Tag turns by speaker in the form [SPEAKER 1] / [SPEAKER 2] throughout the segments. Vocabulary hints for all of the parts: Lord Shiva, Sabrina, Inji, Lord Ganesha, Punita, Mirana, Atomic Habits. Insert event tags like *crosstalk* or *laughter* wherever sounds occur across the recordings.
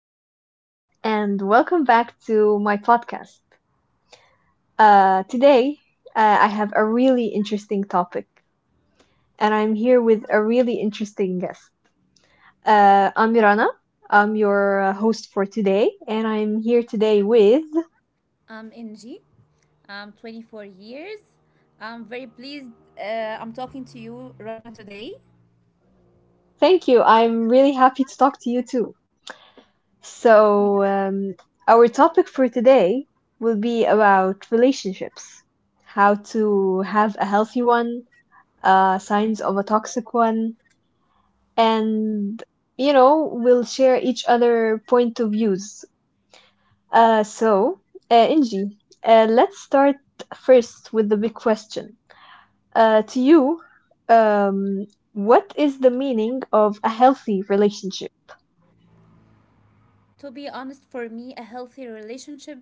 [SPEAKER 1] everyone, and welcome back to my podcast. Today, I have a really interesting topic, and I'm here with a really interesting guest. I'm Mirana. I'm your host for today, and I'm here today with.
[SPEAKER 2] I'm Inji. I'm 24 years. I'm very pleased I'm talking to you, Rana, today.
[SPEAKER 1] Thank you. I'm really happy to talk to you too.
[SPEAKER 2] Thanks.
[SPEAKER 1] So our topic for today will be about relationships, how to have a healthy one, signs of a toxic one, and we'll share each other point of views. So, Inji, let's start first with the big question. To you, um, what is the meaning of a healthy relationship?
[SPEAKER 2] To be honest, for me, a healthy relationship,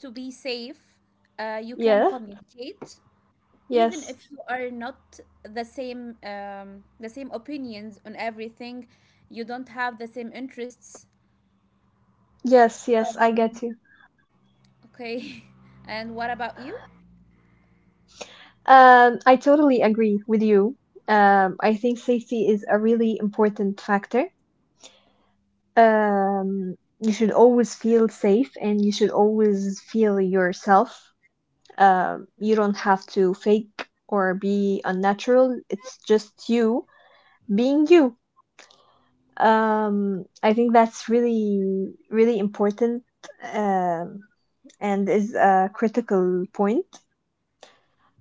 [SPEAKER 2] to be safe, you can
[SPEAKER 1] Yeah.
[SPEAKER 2] communicate. Even
[SPEAKER 1] Yes.
[SPEAKER 2] if you are not the same opinions on everything, you don't have the same interests.
[SPEAKER 1] Yes. Yes, I get you.
[SPEAKER 2] Okay. *laughs* And what about you?
[SPEAKER 1] I totally agree with you. I think safety is a really important factor, you should always feel safe and you should always feel yourself. You don't have to fake or be unnatural. It's just you being you. I think that's really, really important, um, and is a critical point.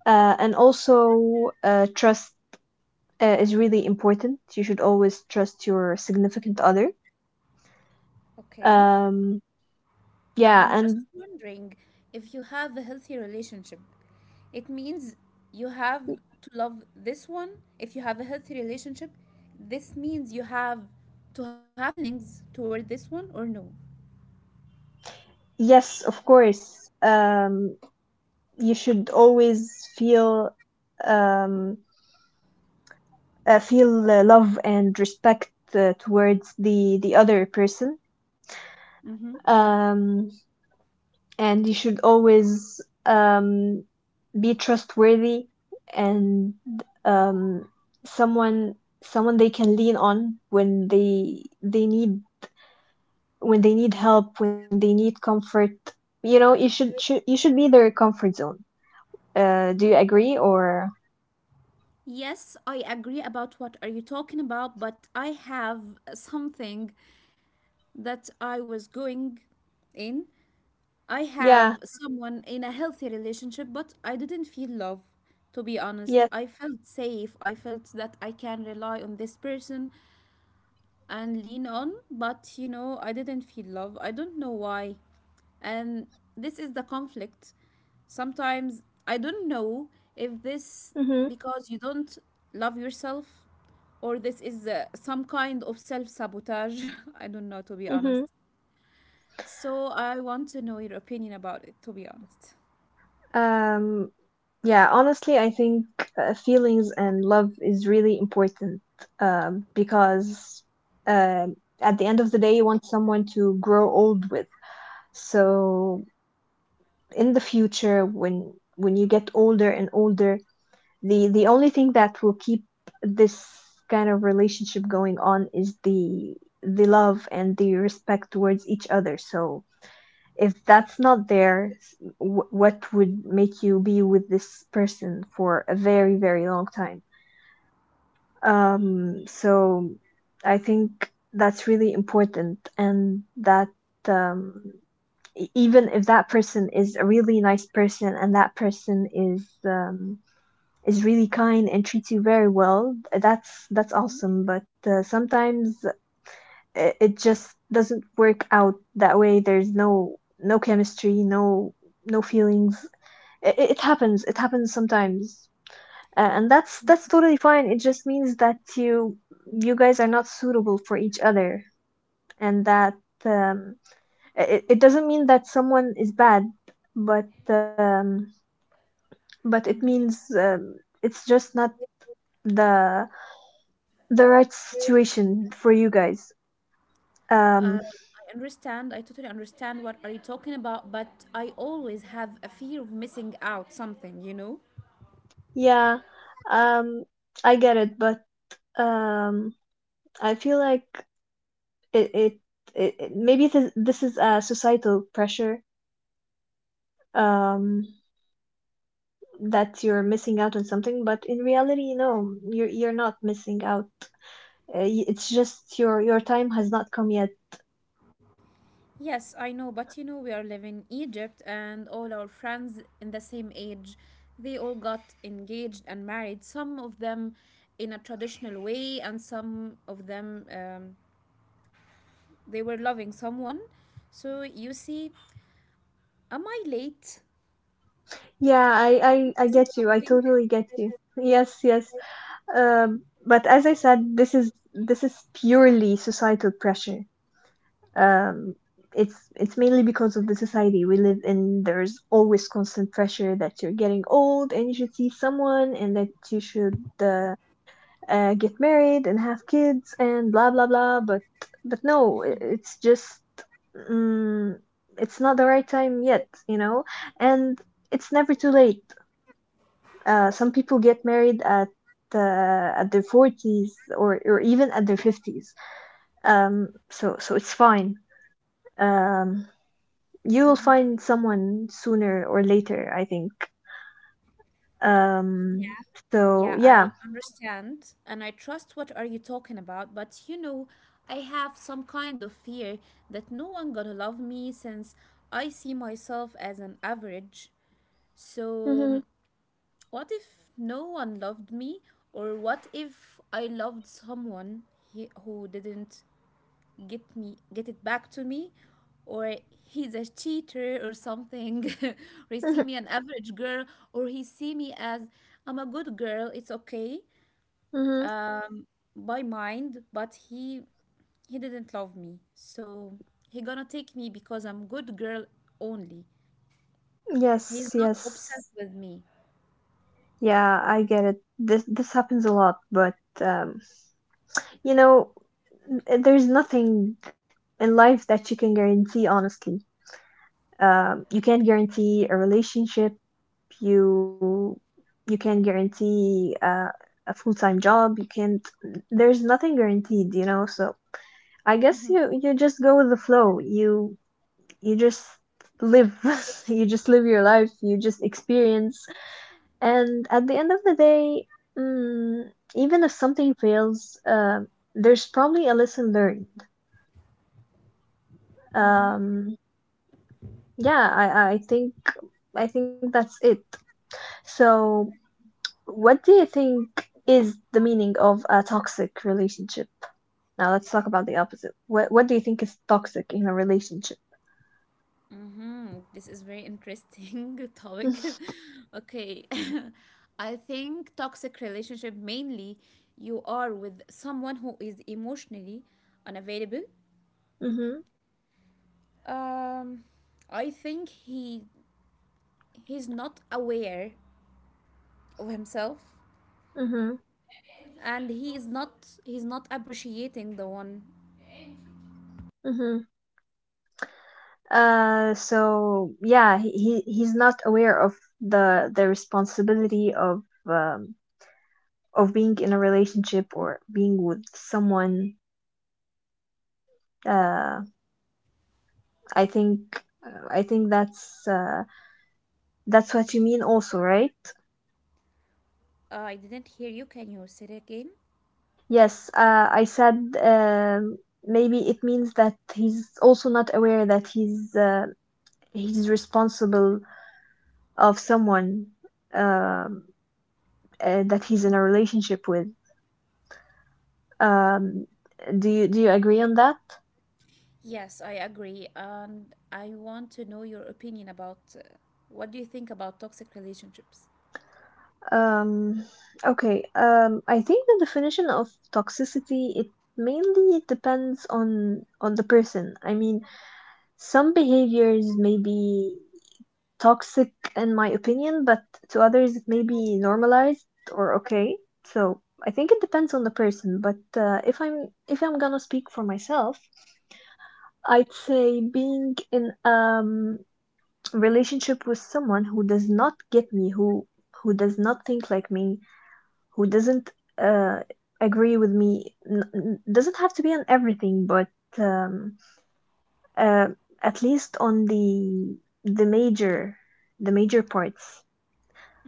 [SPEAKER 1] And also, trust is really important. You should always trust your significant other.
[SPEAKER 2] Okay.
[SPEAKER 1] Um, yeah,
[SPEAKER 2] I'm
[SPEAKER 1] and
[SPEAKER 2] just wondering if you have a healthy relationship. It means you have to love this one. If you have a healthy relationship, this means you have to have feelings toward this one or no?
[SPEAKER 1] Yes, of course. You should always feel, um, feel love and respect towards the other person,
[SPEAKER 2] Mm-hmm.
[SPEAKER 1] um, and you should always, um, be trustworthy, and um, someone, they can lean on when they need, when they need help, when they need comfort. You know, you should be their comfort zone. Do you agree, or?
[SPEAKER 2] Yes, I agree about what are you talking about, but I have something that I was going in I
[SPEAKER 1] Yeah,
[SPEAKER 2] have someone in a healthy relationship, but I didn't feel love, to be honest.
[SPEAKER 1] yes.
[SPEAKER 2] I felt safe. I felt that I can rely on this person and lean on, but I didn't feel love. I don't know why. And this is the conflict. Sometimes I don't know if this
[SPEAKER 1] Mhm.
[SPEAKER 2] because you don't love yourself, or this is some kind of self sabotage. *laughs* I don't know, to be
[SPEAKER 1] Mhm.
[SPEAKER 2] honest. So I want to know your opinion about it, to be honest.
[SPEAKER 1] Um yeah, honestly, I think feelings and love is really important because uh, at the end of the day, you want someone to grow old with. So in the future, when you get older and older, the only thing that will keep this kind of relationship going on is the love and the respect towards each other. So if that's not there, what would make you be with this person for a very, very long time? So I think that's really important, and that, um, even if that person is a really nice person and that person is, is really kind and treats you very well, that's awesome. But sometimes it just doesn't work out that way. There's no chemistry, no feelings. It happens. It happens sometimes. And that's totally fine. It just means that you guys are not suitable for each other, and that, um, it it doesn't mean that someone is bad, but, it means, it's just not the the right situation for you guys. Um,
[SPEAKER 2] I understand. I totally understand what are you talking about, but I always have a fear of missing out something, you know?
[SPEAKER 1] yeah, um, I get it, but, Um, I feel like, it, it, maybe this is a societal pressure, um, that you're missing out on something, but in reality, no, you're not missing out. It's just your time has not come yet.
[SPEAKER 2] Yes, I know, but you know we are living in Egypt, and all our friends in the same age, they all got engaged and married, some of them in a traditional way and some of them they were loving someone. So you see, am I late?
[SPEAKER 1] Yeah, I
[SPEAKER 2] Missing
[SPEAKER 1] get you. I
[SPEAKER 2] something?
[SPEAKER 1] totally get you. Yes, yes. But as I said, this is purely societal pressure. um, it's mainly because of the society we live in. There's always constant pressure that you're getting old and you should see someone and that you should uh, get married and have kids and blah blah blah. But no, it's just, mm, it's not the right time yet, you know. And it's never too late. Some people get married at, uh, at their forties or even at their fifties. So it's fine. Um, you will find someone sooner or later, I think. Um, so
[SPEAKER 2] Yeah, I
[SPEAKER 1] yeah.
[SPEAKER 2] understand and I trust what are you talking about, but I have some kind of fear that no one gonna love me since I see myself as an average. So,
[SPEAKER 1] Hmm.
[SPEAKER 2] what if no one loved me, or what if I loved someone who didn't get it back to me, or he's a cheater or something, *laughs* or he see
[SPEAKER 1] Hmm.
[SPEAKER 2] me an average girl, or he see me as I'm a good girl, it's okay
[SPEAKER 1] Hmm.
[SPEAKER 2] um, by mind, but he didn't love me. So he gonna take me because I'm good girl only. He's
[SPEAKER 1] Yes,
[SPEAKER 2] not obsessed
[SPEAKER 1] yes.
[SPEAKER 2] with me.
[SPEAKER 1] Yeah, I get it. This happens a lot, but, um, you know, there's nothing in life that you can guarantee, honestly. You can't guarantee a relationship. You you can't guarantee a full-time job. You can't. There's nothing guaranteed, you know. So I guess you just go with the flow. You just live. *laughs* You just live your life. You just experience. And at the end of the day, mm, even if something fails, there's probably a lesson learned.
[SPEAKER 2] Mm-hmm.
[SPEAKER 1] Um, I think, that's it. So, what do you think is the meaning of a toxic relationship? Now let's talk about the opposite. What do you think is toxic in a relationship?
[SPEAKER 2] Mm-hmm. This is very interesting *laughs* topic.
[SPEAKER 1] *laughs*
[SPEAKER 2] *laughs* Okay. *laughs* I think toxic relationship mainly you are with someone who is emotionally unavailable.
[SPEAKER 1] Mhm.
[SPEAKER 2] Um I think he's not aware of himself,
[SPEAKER 1] Mhm.
[SPEAKER 2] and he's not appreciating the one.
[SPEAKER 1] Mhm. So yeah, he's not aware of the responsibility of, um, of being in a relationship or being with someone. Uh, I think I think that's what you mean also, right?
[SPEAKER 2] Uh, I didn't hear you. Can you say it again?
[SPEAKER 1] Yes, I said, um maybe it means that he's also not aware that he's responsible of someone, um that he's in a relationship with. Um, do you agree on that?
[SPEAKER 2] Yes, I agree, and I want to know your opinion about, what do you think about toxic relationships?
[SPEAKER 1] Um, okay. I think the definition of toxicity it mainly depends on the person. I mean, some behaviors may be toxic in my opinion, but to others it may be normalized or okay. So I think it depends on the person. But if I'm gonna speak for myself, I'd say being in, relationship with someone who does not get me, who does not think like me, who doesn't uh, agree with me, doesn't have to be on everything, but, um, uh, at least on the major, the major parts.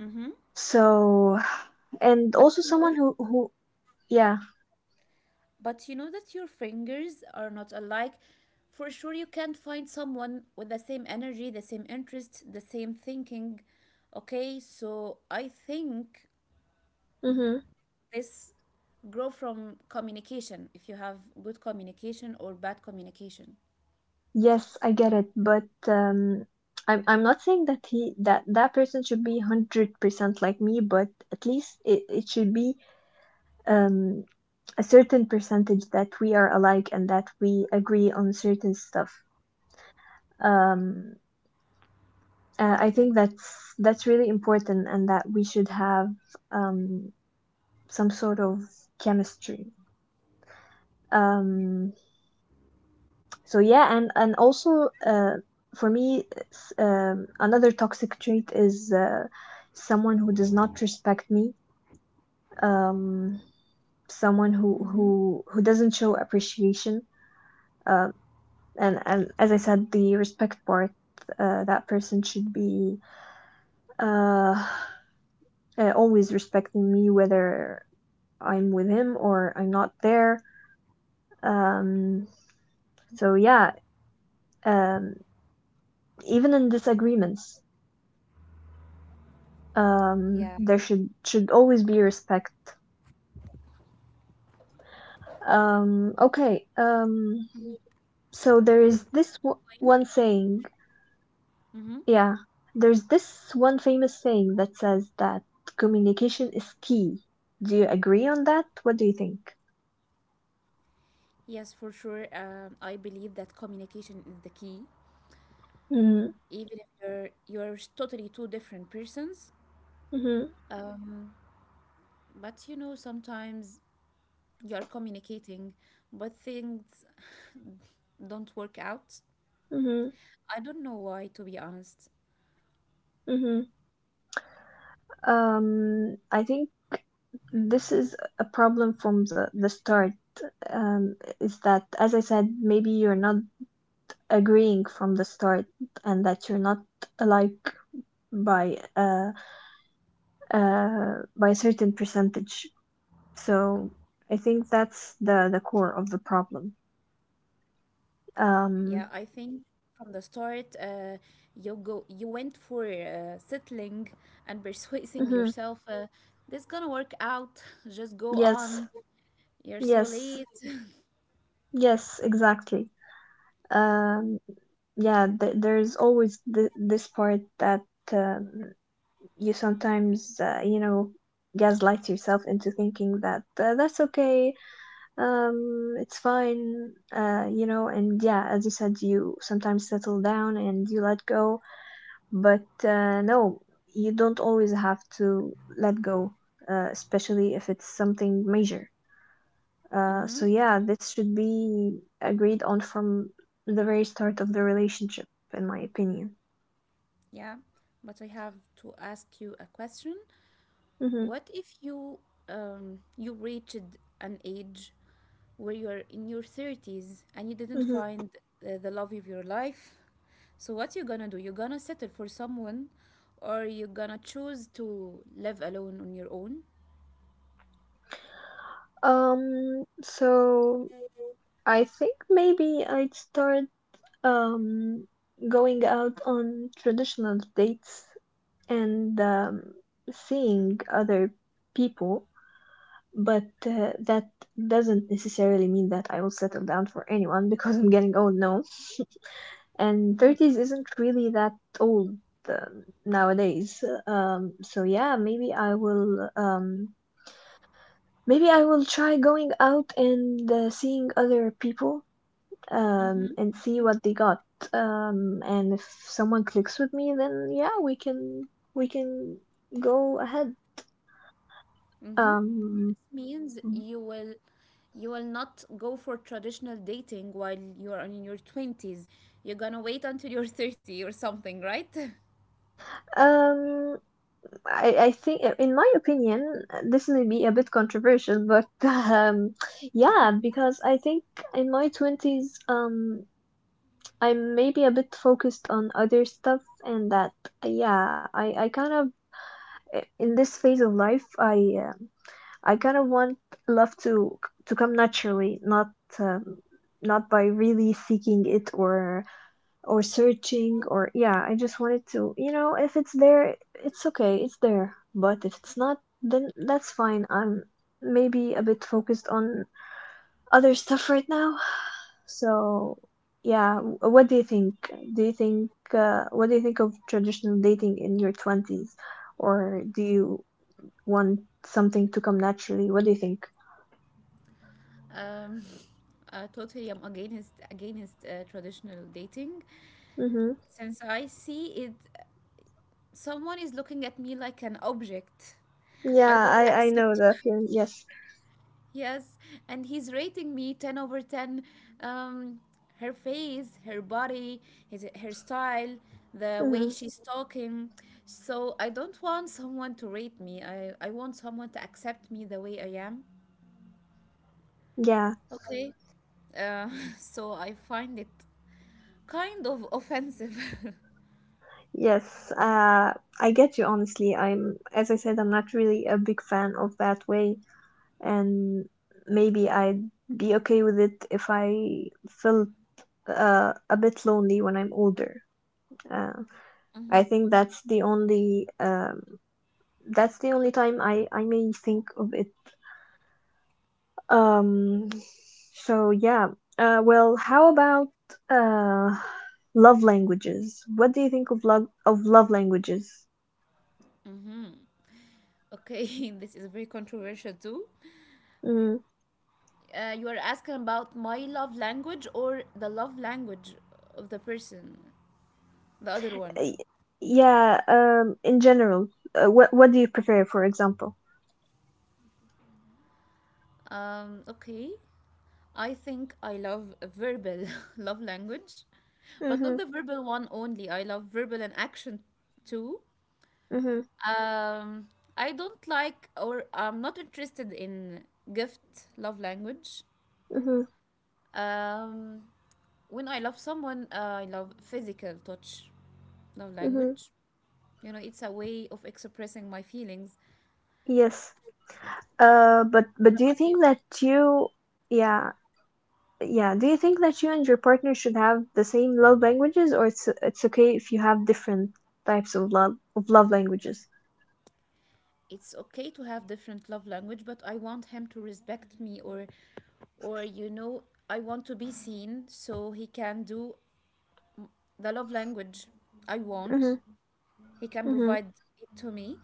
[SPEAKER 2] Mm-hmm.
[SPEAKER 1] so and
[SPEAKER 2] but
[SPEAKER 1] also
[SPEAKER 2] you know
[SPEAKER 1] someone who yeah.
[SPEAKER 2] but you know that your fingers are not alike. For sure you can't find someone with the same energy, the same interest, the same thinking. Okay, so I think
[SPEAKER 1] Mm-hmm.
[SPEAKER 2] this grow from communication, if you have good communication or bad communication.
[SPEAKER 1] Yes, I get it, but, um I'm, not saying that he that that person should be 100% like me, but at least it should be, um, a certain percentage that we are alike and that we agree on certain stuff. Um, I
[SPEAKER 2] Yeah.
[SPEAKER 1] think that's really important, and that we should have, um, some sort of chemistry. Um, so yeah, and also, for me, another toxic trait is, someone who does not respect me. Um, Someone who
[SPEAKER 2] Mm-hmm.
[SPEAKER 1] who who doesn't show appreciation, uh, and, as I said, the respect part, that person should be, uh, always respecting me whether I'm with him or I'm not there. Um, so yeah, um, Even in disagreements, um,
[SPEAKER 2] Yeah.
[SPEAKER 1] there should should always be respect. Okay,
[SPEAKER 2] Mhm.
[SPEAKER 1] so there is
[SPEAKER 2] Good point.
[SPEAKER 1] one saying.
[SPEAKER 2] Mm-hmm.
[SPEAKER 1] Yeah, there's this one famous saying that says that communication is key. Do you agree on that? What do you think?
[SPEAKER 2] Yes, for sure. I believe that communication is the key.
[SPEAKER 1] Mm-hmm,
[SPEAKER 2] Even if you're totally two different persons,
[SPEAKER 1] mm-hmm,
[SPEAKER 2] but you know sometimes you're communicating, but things don't work out.
[SPEAKER 1] mm-hmm,
[SPEAKER 2] I don't know why, to be honest.
[SPEAKER 1] mm-hmm. I think this is a problem from the start. Is that, as I said, maybe you're not agreeing from the start, and that you're not alike by uh, by a certain percentage. So I think that's the core of the problem.
[SPEAKER 2] Yeah,
[SPEAKER 1] Um,
[SPEAKER 2] I think from the start, you went for settling and *laughs* persuading
[SPEAKER 1] mhm,
[SPEAKER 2] yourself. This gonna work out. *laughs* Just go
[SPEAKER 1] Yes,
[SPEAKER 2] on. You're so
[SPEAKER 1] yes,
[SPEAKER 2] late. *laughs*
[SPEAKER 1] yes, exactly. Um, yeah, th There's always th this part that, um, you sometimes, you know, gaslight yourself into thinking that that's okay, it's fine, you know, and yeah, as you said, you sometimes settle down and you let go, but no, you don't always have to let go, especially if it's something major. Uh,
[SPEAKER 2] Hmm.
[SPEAKER 1] so yeah, this should be agreed on from the very start of the relationship, in my opinion.
[SPEAKER 2] Yeah, but I have to ask you a question.
[SPEAKER 1] Mm-hmm,
[SPEAKER 2] What if you reached an age where you're in your 30s and you didn't
[SPEAKER 1] mm-hmm.
[SPEAKER 2] find the love of your life? So what you gonna do? You're gonna settle for someone, or you're gonna choose to live alone on your own?
[SPEAKER 1] So I think maybe I'd start, um going out on traditional dates and, seeing other people, but that doesn't necessarily mean that I will settle down for anyone because I'm getting old now. And 30s isn't really that old, nowadays. So yeah, maybe I will, maybe I will try going out and, seeing other people, and see what they got, and if someone clicks with me, then yeah, we can, we can go ahead.
[SPEAKER 2] Mm-hmm.
[SPEAKER 1] um
[SPEAKER 2] Means you will not go for traditional dating while you are in your 20s. You're gonna wait until you're *laughs* 30 or something, right? *laughs*
[SPEAKER 1] um I, think, in my opinion, this may be a bit controversial, but *laughs* yeah, because I think in my 20s, I'm maybe a bit focused on other stuff, and that, yeah, I kind of, in this phase of life, I kind of want love to come naturally, not, um, not by really seeking it or, searching, or yeah, I just wanted to, if it's there, it's okay, it's there, but if it's not, then that's fine. I'm maybe a bit focused on other stuff right now. So yeah, what do you think, do you think what do you think of traditional dating in your 20s, or do you want something to come naturally, what do you think?
[SPEAKER 2] Um, *laughs* totally, I'm against traditional dating
[SPEAKER 1] Mm-hmm.
[SPEAKER 2] since I see it. Someone is looking at me like an object. I
[SPEAKER 1] Yeah,
[SPEAKER 2] don't
[SPEAKER 1] I know
[SPEAKER 2] accept.
[SPEAKER 1] the
[SPEAKER 2] *laughs*
[SPEAKER 1] feeling, yes.
[SPEAKER 2] Yes, and he's rating me 10/10. Um, her face, her body, his her style, the way
[SPEAKER 1] Mm-hmm.
[SPEAKER 2] she's talking. So I don't want someone to rate me. I want someone to accept me the way I am.
[SPEAKER 1] Yeah.
[SPEAKER 2] Okay. Uh, *laughs* so I find it kind of offensive.
[SPEAKER 1] Yes, I get you honestly. As I said, I'm not really a big fan of that way, and maybe I'd be okay with it if I felt a bit lonely when I'm older. Uh, I think that's the only, that's the only time I may think of it. Um, so yeah. How about uh, love languages? What do you think of love languages?
[SPEAKER 2] *laughs* Okay, this is very controversial too.
[SPEAKER 1] Mm.
[SPEAKER 2] You are asking about my love language or the love language of the person, the other one.
[SPEAKER 1] Y- Yeah, in general, what do you prefer, for example?
[SPEAKER 2] Okay, I think I love verbal *laughs* love language, but not
[SPEAKER 1] Mm-hmm,
[SPEAKER 2] the verbal one only. I love verbal and action too.
[SPEAKER 1] mm-hmm,
[SPEAKER 2] Um, I don't like, or I'm not interested in gift love language.
[SPEAKER 1] mm-hmm,
[SPEAKER 2] Um, when I love someone, I love physical touch love
[SPEAKER 1] mm-hmm.
[SPEAKER 2] language. You know, it's a way of expressing my feelings.
[SPEAKER 1] Yes. But do you think that yeah, yeah, do you think that you and your partner should have the same love languages, or it's okay if you have different types of love languages?
[SPEAKER 2] It's okay to have different love language, but I want him to respect me, or you know, I want to be seen so he can do the love language I
[SPEAKER 1] Mm-hmm,
[SPEAKER 2] want. He can
[SPEAKER 1] mm-hmm,
[SPEAKER 2] provide it to me.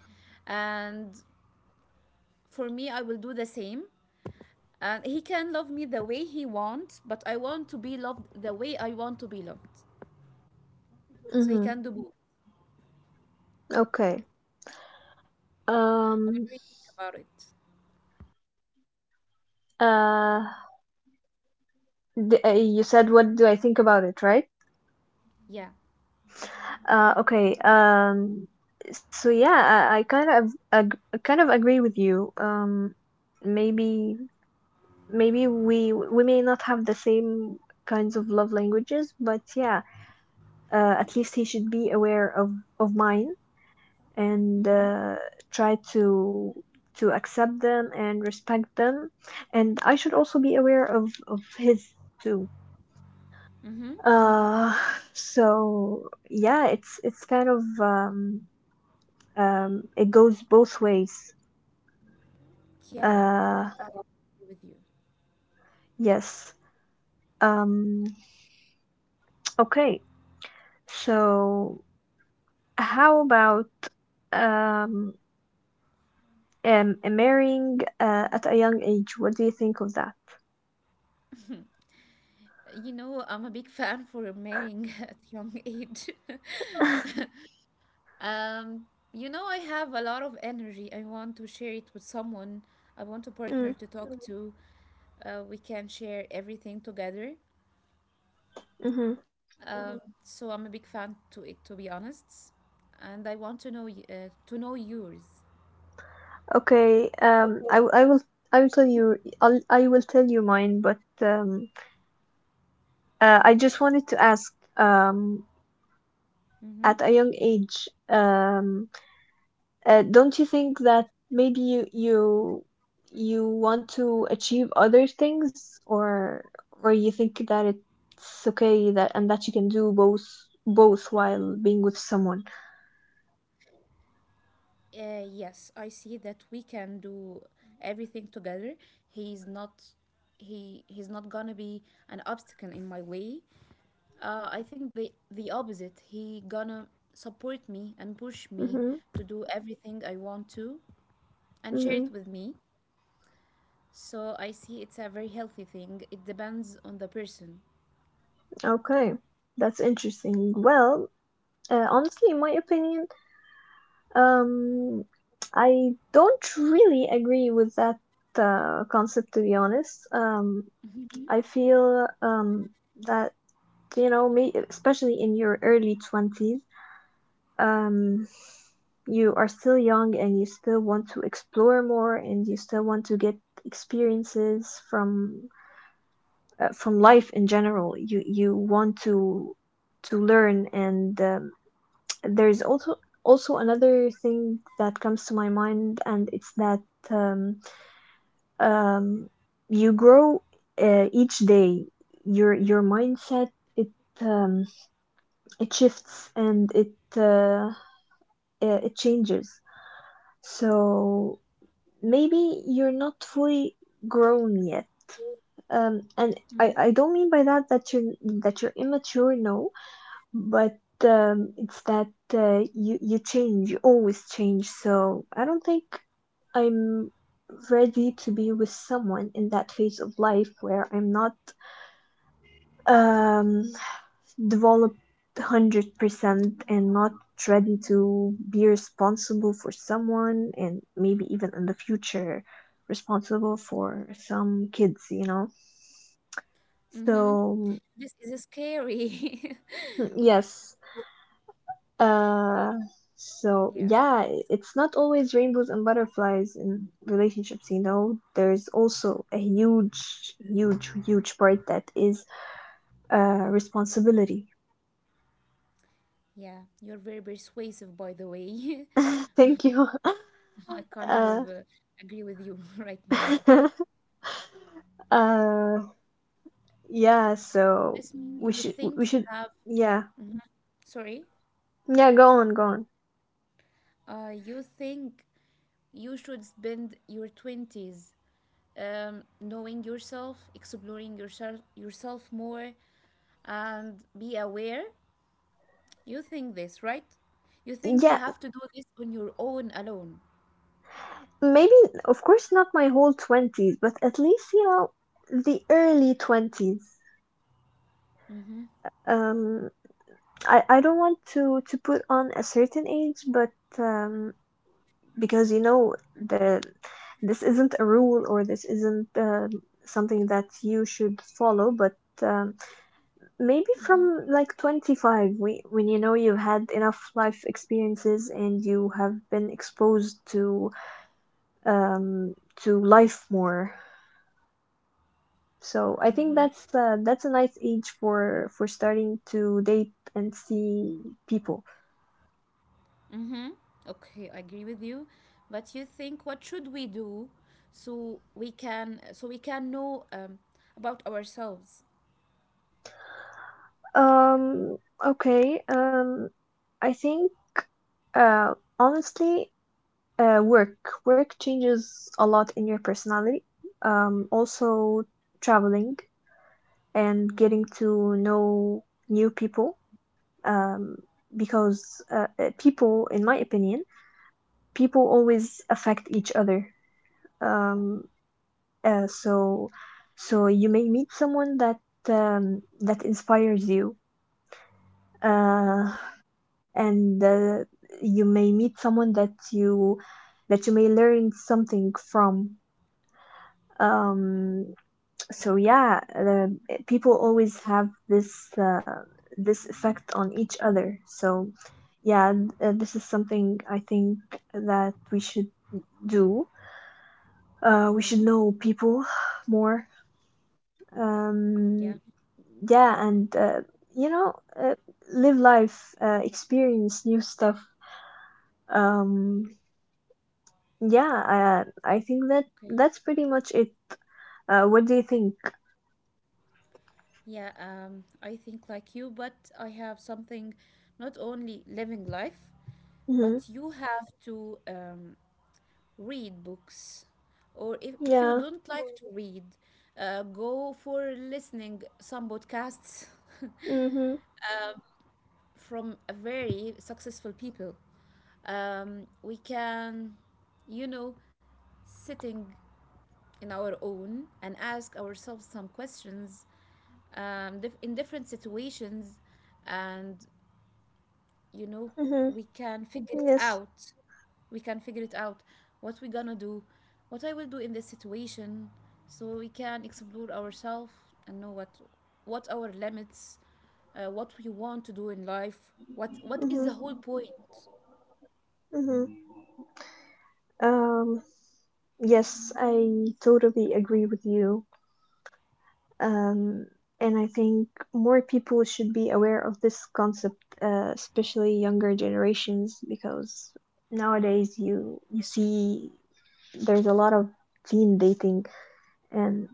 [SPEAKER 2] And for me I will do the same. And he can love me the way he wants, but I want to be loved the way I want to be loved. So he
[SPEAKER 1] mm-hmm.
[SPEAKER 2] can do both.
[SPEAKER 1] Okay.
[SPEAKER 2] What do
[SPEAKER 1] Um.
[SPEAKER 2] you think about it?
[SPEAKER 1] Uh. You said what do I think about it, right?
[SPEAKER 2] Yeah.
[SPEAKER 1] Okay. I kind of I kind of agree with you. Maybe maybe we may not have the same kinds of love languages, but yeah, at least he should be aware of mine and
[SPEAKER 2] Mm-hmm.
[SPEAKER 1] uh, try to accept them and respect them, and I should also be aware of his too.
[SPEAKER 2] Mm-hmm.
[SPEAKER 1] Uh, so yeah, it's kind of It goes both ways.
[SPEAKER 2] Yeah,
[SPEAKER 1] Uh,
[SPEAKER 2] with you.
[SPEAKER 1] yes. Um, okay. So how about um, marrying at a young age? What do you think of that?
[SPEAKER 2] You know, I'm a big fan for marrying *laughs* at young age. *laughs*
[SPEAKER 1] *laughs*
[SPEAKER 2] Um, you know, I have a lot of energy. I want to share it with someone. I want a
[SPEAKER 1] Mm,
[SPEAKER 2] partner to talk, Mhm, to. We can share everything together.
[SPEAKER 1] hmm.
[SPEAKER 2] Um, Mhm, so I'm a big fan to it, to be honest. And I want to know to know yours.
[SPEAKER 1] Okay.
[SPEAKER 2] Okay.
[SPEAKER 1] I will I will tell you mine, but I just wanted to ask at a young age. Don't you think that maybe you you want to achieve other things, or you think that it's okay that you can do both while being with someone?
[SPEAKER 2] Yes, I see that we can do everything together. He's not. He's not gonna be an obstacle in my way. I think the opposite. He gonna support me and push me
[SPEAKER 1] Mm-hmm.
[SPEAKER 2] to do everything I want to, and share
[SPEAKER 1] Mm-hmm.
[SPEAKER 2] it with me. So I see it's a very healthy thing. It depends on the person.
[SPEAKER 1] Okay, that's interesting. Well, honestly, in my opinion. Um, I don't really agree with that concept, to be honest. I feel that, you know, may especially in your early 20s, um, you are still young and you still want to explore more and you still want to get experiences from life in general. You want to learn, and there's also also another thing that comes to my mind, and it's that um, um, you grow each day. Your mindset it um, it shifts, and it changes, so maybe you're not fully grown yet. And I don't mean by that that you're immature, no, but it's that you you change, you always change. So I don't think I'm ready to be with someone in that phase of life where I'm not um, developed 100%, and not ready to be responsible for someone, and maybe even in the future responsible for some kids. You know,
[SPEAKER 2] Mm-hmm.
[SPEAKER 1] so
[SPEAKER 2] This is scary.
[SPEAKER 1] yes. Uh,
[SPEAKER 2] *laughs* yeah.
[SPEAKER 1] it's not always rainbows and butterflies in relationships, you know. There's also a huge, huge, huge part that is responsibility.
[SPEAKER 2] Yeah, you're very persuasive, by the way. *laughs*
[SPEAKER 1] *laughs* Thank you. *laughs*
[SPEAKER 2] I kind
[SPEAKER 1] Uh,
[SPEAKER 2] of agree with you *laughs* right now.
[SPEAKER 1] *laughs* uh, yeah,
[SPEAKER 2] So
[SPEAKER 1] so
[SPEAKER 2] this means you
[SPEAKER 1] we
[SPEAKER 2] think you
[SPEAKER 1] should
[SPEAKER 2] have,
[SPEAKER 1] yeah.
[SPEAKER 2] Mhm, sorry,
[SPEAKER 1] Yeah, go on, go on.
[SPEAKER 2] you think you should spend your 20s knowing yourself, exploring yourself more, and be aware. You think this, right? You think you
[SPEAKER 1] Yeah,
[SPEAKER 2] have to do this on your own alone.
[SPEAKER 1] maybe of course not my whole 20s, but at least, you know, the early 20s. Um I don't want to put on a certain age, but um, because you know the this isn't a rule or this isn't something that you should follow, but um, maybe from like 25, when you know you've had enough life experiences and you have been exposed to life more. So I think that's a nice age for starting to date and see people.
[SPEAKER 2] Mm-hmm. Okay, I agree with you. But you think what should we do so we can know about ourselves?
[SPEAKER 1] Um, okay. I think honestly, uh work work changes a lot in your personality. Also traveling and getting
[SPEAKER 2] Mm-hmm.
[SPEAKER 1] to know new people. Um, because people, in my opinion, people always affect each other. Um, so so you may meet someone that that inspires you. Uh, and you may meet someone that you may learn something from. um so
[SPEAKER 2] Mm-hmm.
[SPEAKER 1] yeah, people always have this this effect on each other, so yeah, this is something I think that we should do. We should
[SPEAKER 2] Mm-hmm.
[SPEAKER 1] know people *sighs* more. um
[SPEAKER 2] Yeah.
[SPEAKER 1] yeah, and you know, uh, live life, experience new stuff. um Yeah, I think that
[SPEAKER 2] Okay.
[SPEAKER 1] that's pretty much it. What do you think?
[SPEAKER 2] Yeah. I think like you, but I have something. Not only living life,
[SPEAKER 1] Mm-hmm.
[SPEAKER 2] but you have to read books, or if you
[SPEAKER 1] Yeah.
[SPEAKER 2] don't like to read, go for listening some podcasts. *laughs*
[SPEAKER 1] Mm-hmm.
[SPEAKER 2] from a very successful people. We can, you know, sitting in our own and ask ourselves some questions in different situations, and you know,
[SPEAKER 1] Mm-hmm.
[SPEAKER 2] we can figure
[SPEAKER 1] Yes.
[SPEAKER 2] it out. We can figure it out what we're gonna do, what I will do in this situation, so we can explore ourselves and know what our limits, what we want to do in life, what is the whole
[SPEAKER 1] Mm-hmm.
[SPEAKER 2] point
[SPEAKER 1] Mm-hmm. Um, yes, I totally agree with you. Um, and I think more people should be aware of this concept, especially younger generations, because nowadays you see there's a lot of teen dating, and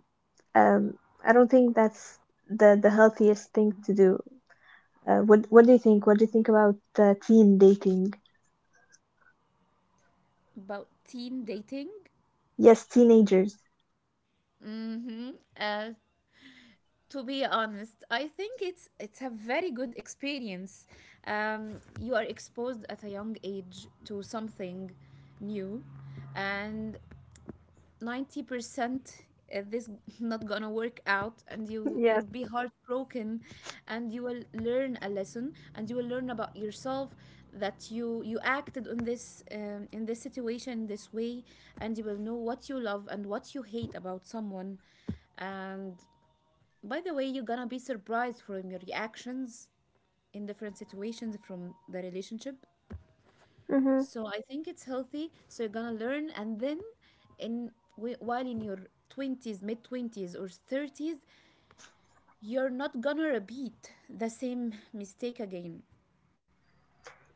[SPEAKER 1] um, I don't think that's the healthiest thing to do. What do you think? What do you think about teen dating?
[SPEAKER 2] about teen dating?
[SPEAKER 1] Yes, teenagers.
[SPEAKER 2] Mm-hmm. Uh, to be honest, I think it's a very good experience. You are exposed at a young age to something new, and 90% this *laughs* not gonna work out, and
[SPEAKER 1] *laughs* Yes.
[SPEAKER 2] you'll be heartbroken, and you will learn a lesson, and you will learn about yourself that you acted on this in this situation this way, and you will know what you love and what you hate about someone. And by the way, you're gonna be surprised from your reactions in different situations from the relationship.
[SPEAKER 1] Hmm.
[SPEAKER 2] So I think it's healthy. So you're gonna learn, and then, in while in your 20s, mid 20s, or 30s, you're not gonna repeat the same mistake again.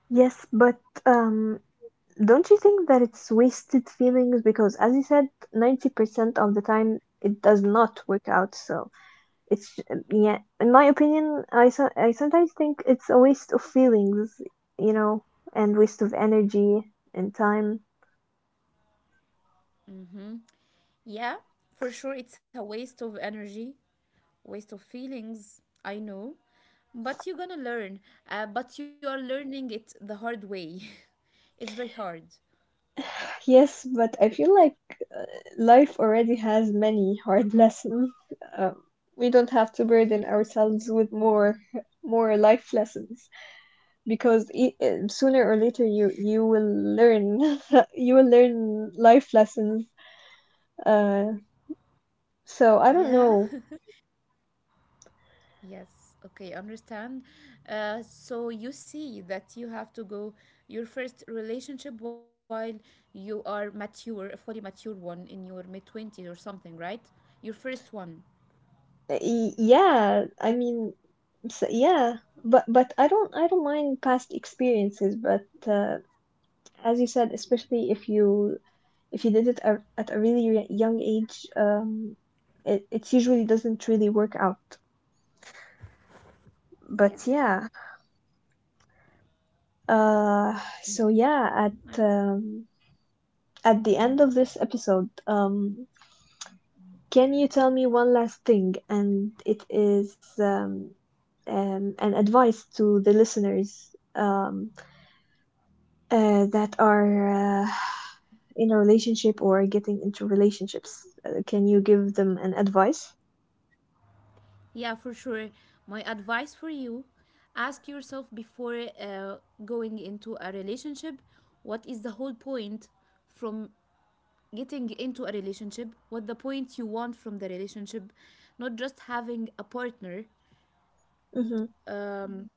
[SPEAKER 1] Yes, but don't you think that it's wasted feelings? Because as you said, 90% of the time it does not work out. So it's, yeah, in my opinion, I sometimes think it's a waste of feelings, you know, and waste of energy and time.
[SPEAKER 2] Mm-hmm. Yeah, for sure, it's a waste of energy, waste of feelings. I know, but you're gonna learn. But you are learning it the hard way. *laughs* it's very hard.
[SPEAKER 1] Yes, but I feel like uh, life already has many hard *laughs* lessons. Um, we don't have to burden ourselves with more more life lessons, because e sooner or
[SPEAKER 2] Okay.
[SPEAKER 1] later you will learn *laughs* you will learn life lessons. Uh, so I don't
[SPEAKER 2] Yeah.
[SPEAKER 1] know.
[SPEAKER 2] *laughs* Yes, okay, understand. So you see that you have to go your first relationship while you are mature, a fully mature one in your mid 20s or something, right? Your first one.
[SPEAKER 1] Yeah, I mean, so, yeah, but I don't mind past experiences, but as you said, especially if you did it at a really young age, it it usually doesn't really work out.
[SPEAKER 2] Yeah.
[SPEAKER 1] But yeah, uh, so yeah,
[SPEAKER 2] I-
[SPEAKER 1] at um, at the end of this episode, can you tell me one last thing? And it is an advice to the listeners, um, that are in a relationship or getting into relationships. Can you give them an advice?
[SPEAKER 2] Yeah, for sure. My advice for you, ask yourself before going into a relationship, what is the whole point from getting into a relationship? What the point you want from the relationship? Not just having a partner.
[SPEAKER 1] Mhm.
[SPEAKER 2] Um,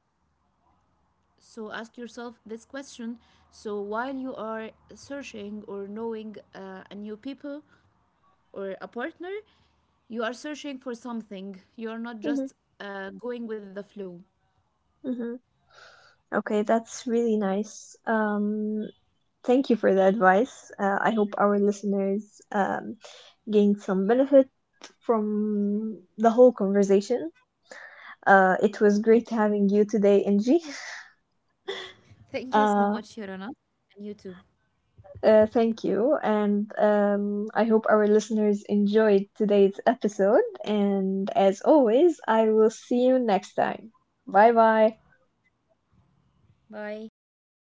[SPEAKER 2] So ask yourself this question. So while you are searching or knowing a new people or a partner, you are searching for something. You are not
[SPEAKER 1] Hmm.
[SPEAKER 2] just going with the flow.
[SPEAKER 1] Hmm. Okay, that's really nice. Thank you for the advice. I hope our listeners gained some benefit from the whole conversation. It was
[SPEAKER 2] Thank you.
[SPEAKER 1] great having you today, Angie. *laughs*
[SPEAKER 2] Thank you so much,
[SPEAKER 1] Uh,
[SPEAKER 2] Yorana. And you too.
[SPEAKER 1] thank you, and I hope our listeners enjoyed today's episode. And as always, I will see you next time. Bye bye.
[SPEAKER 2] Bye.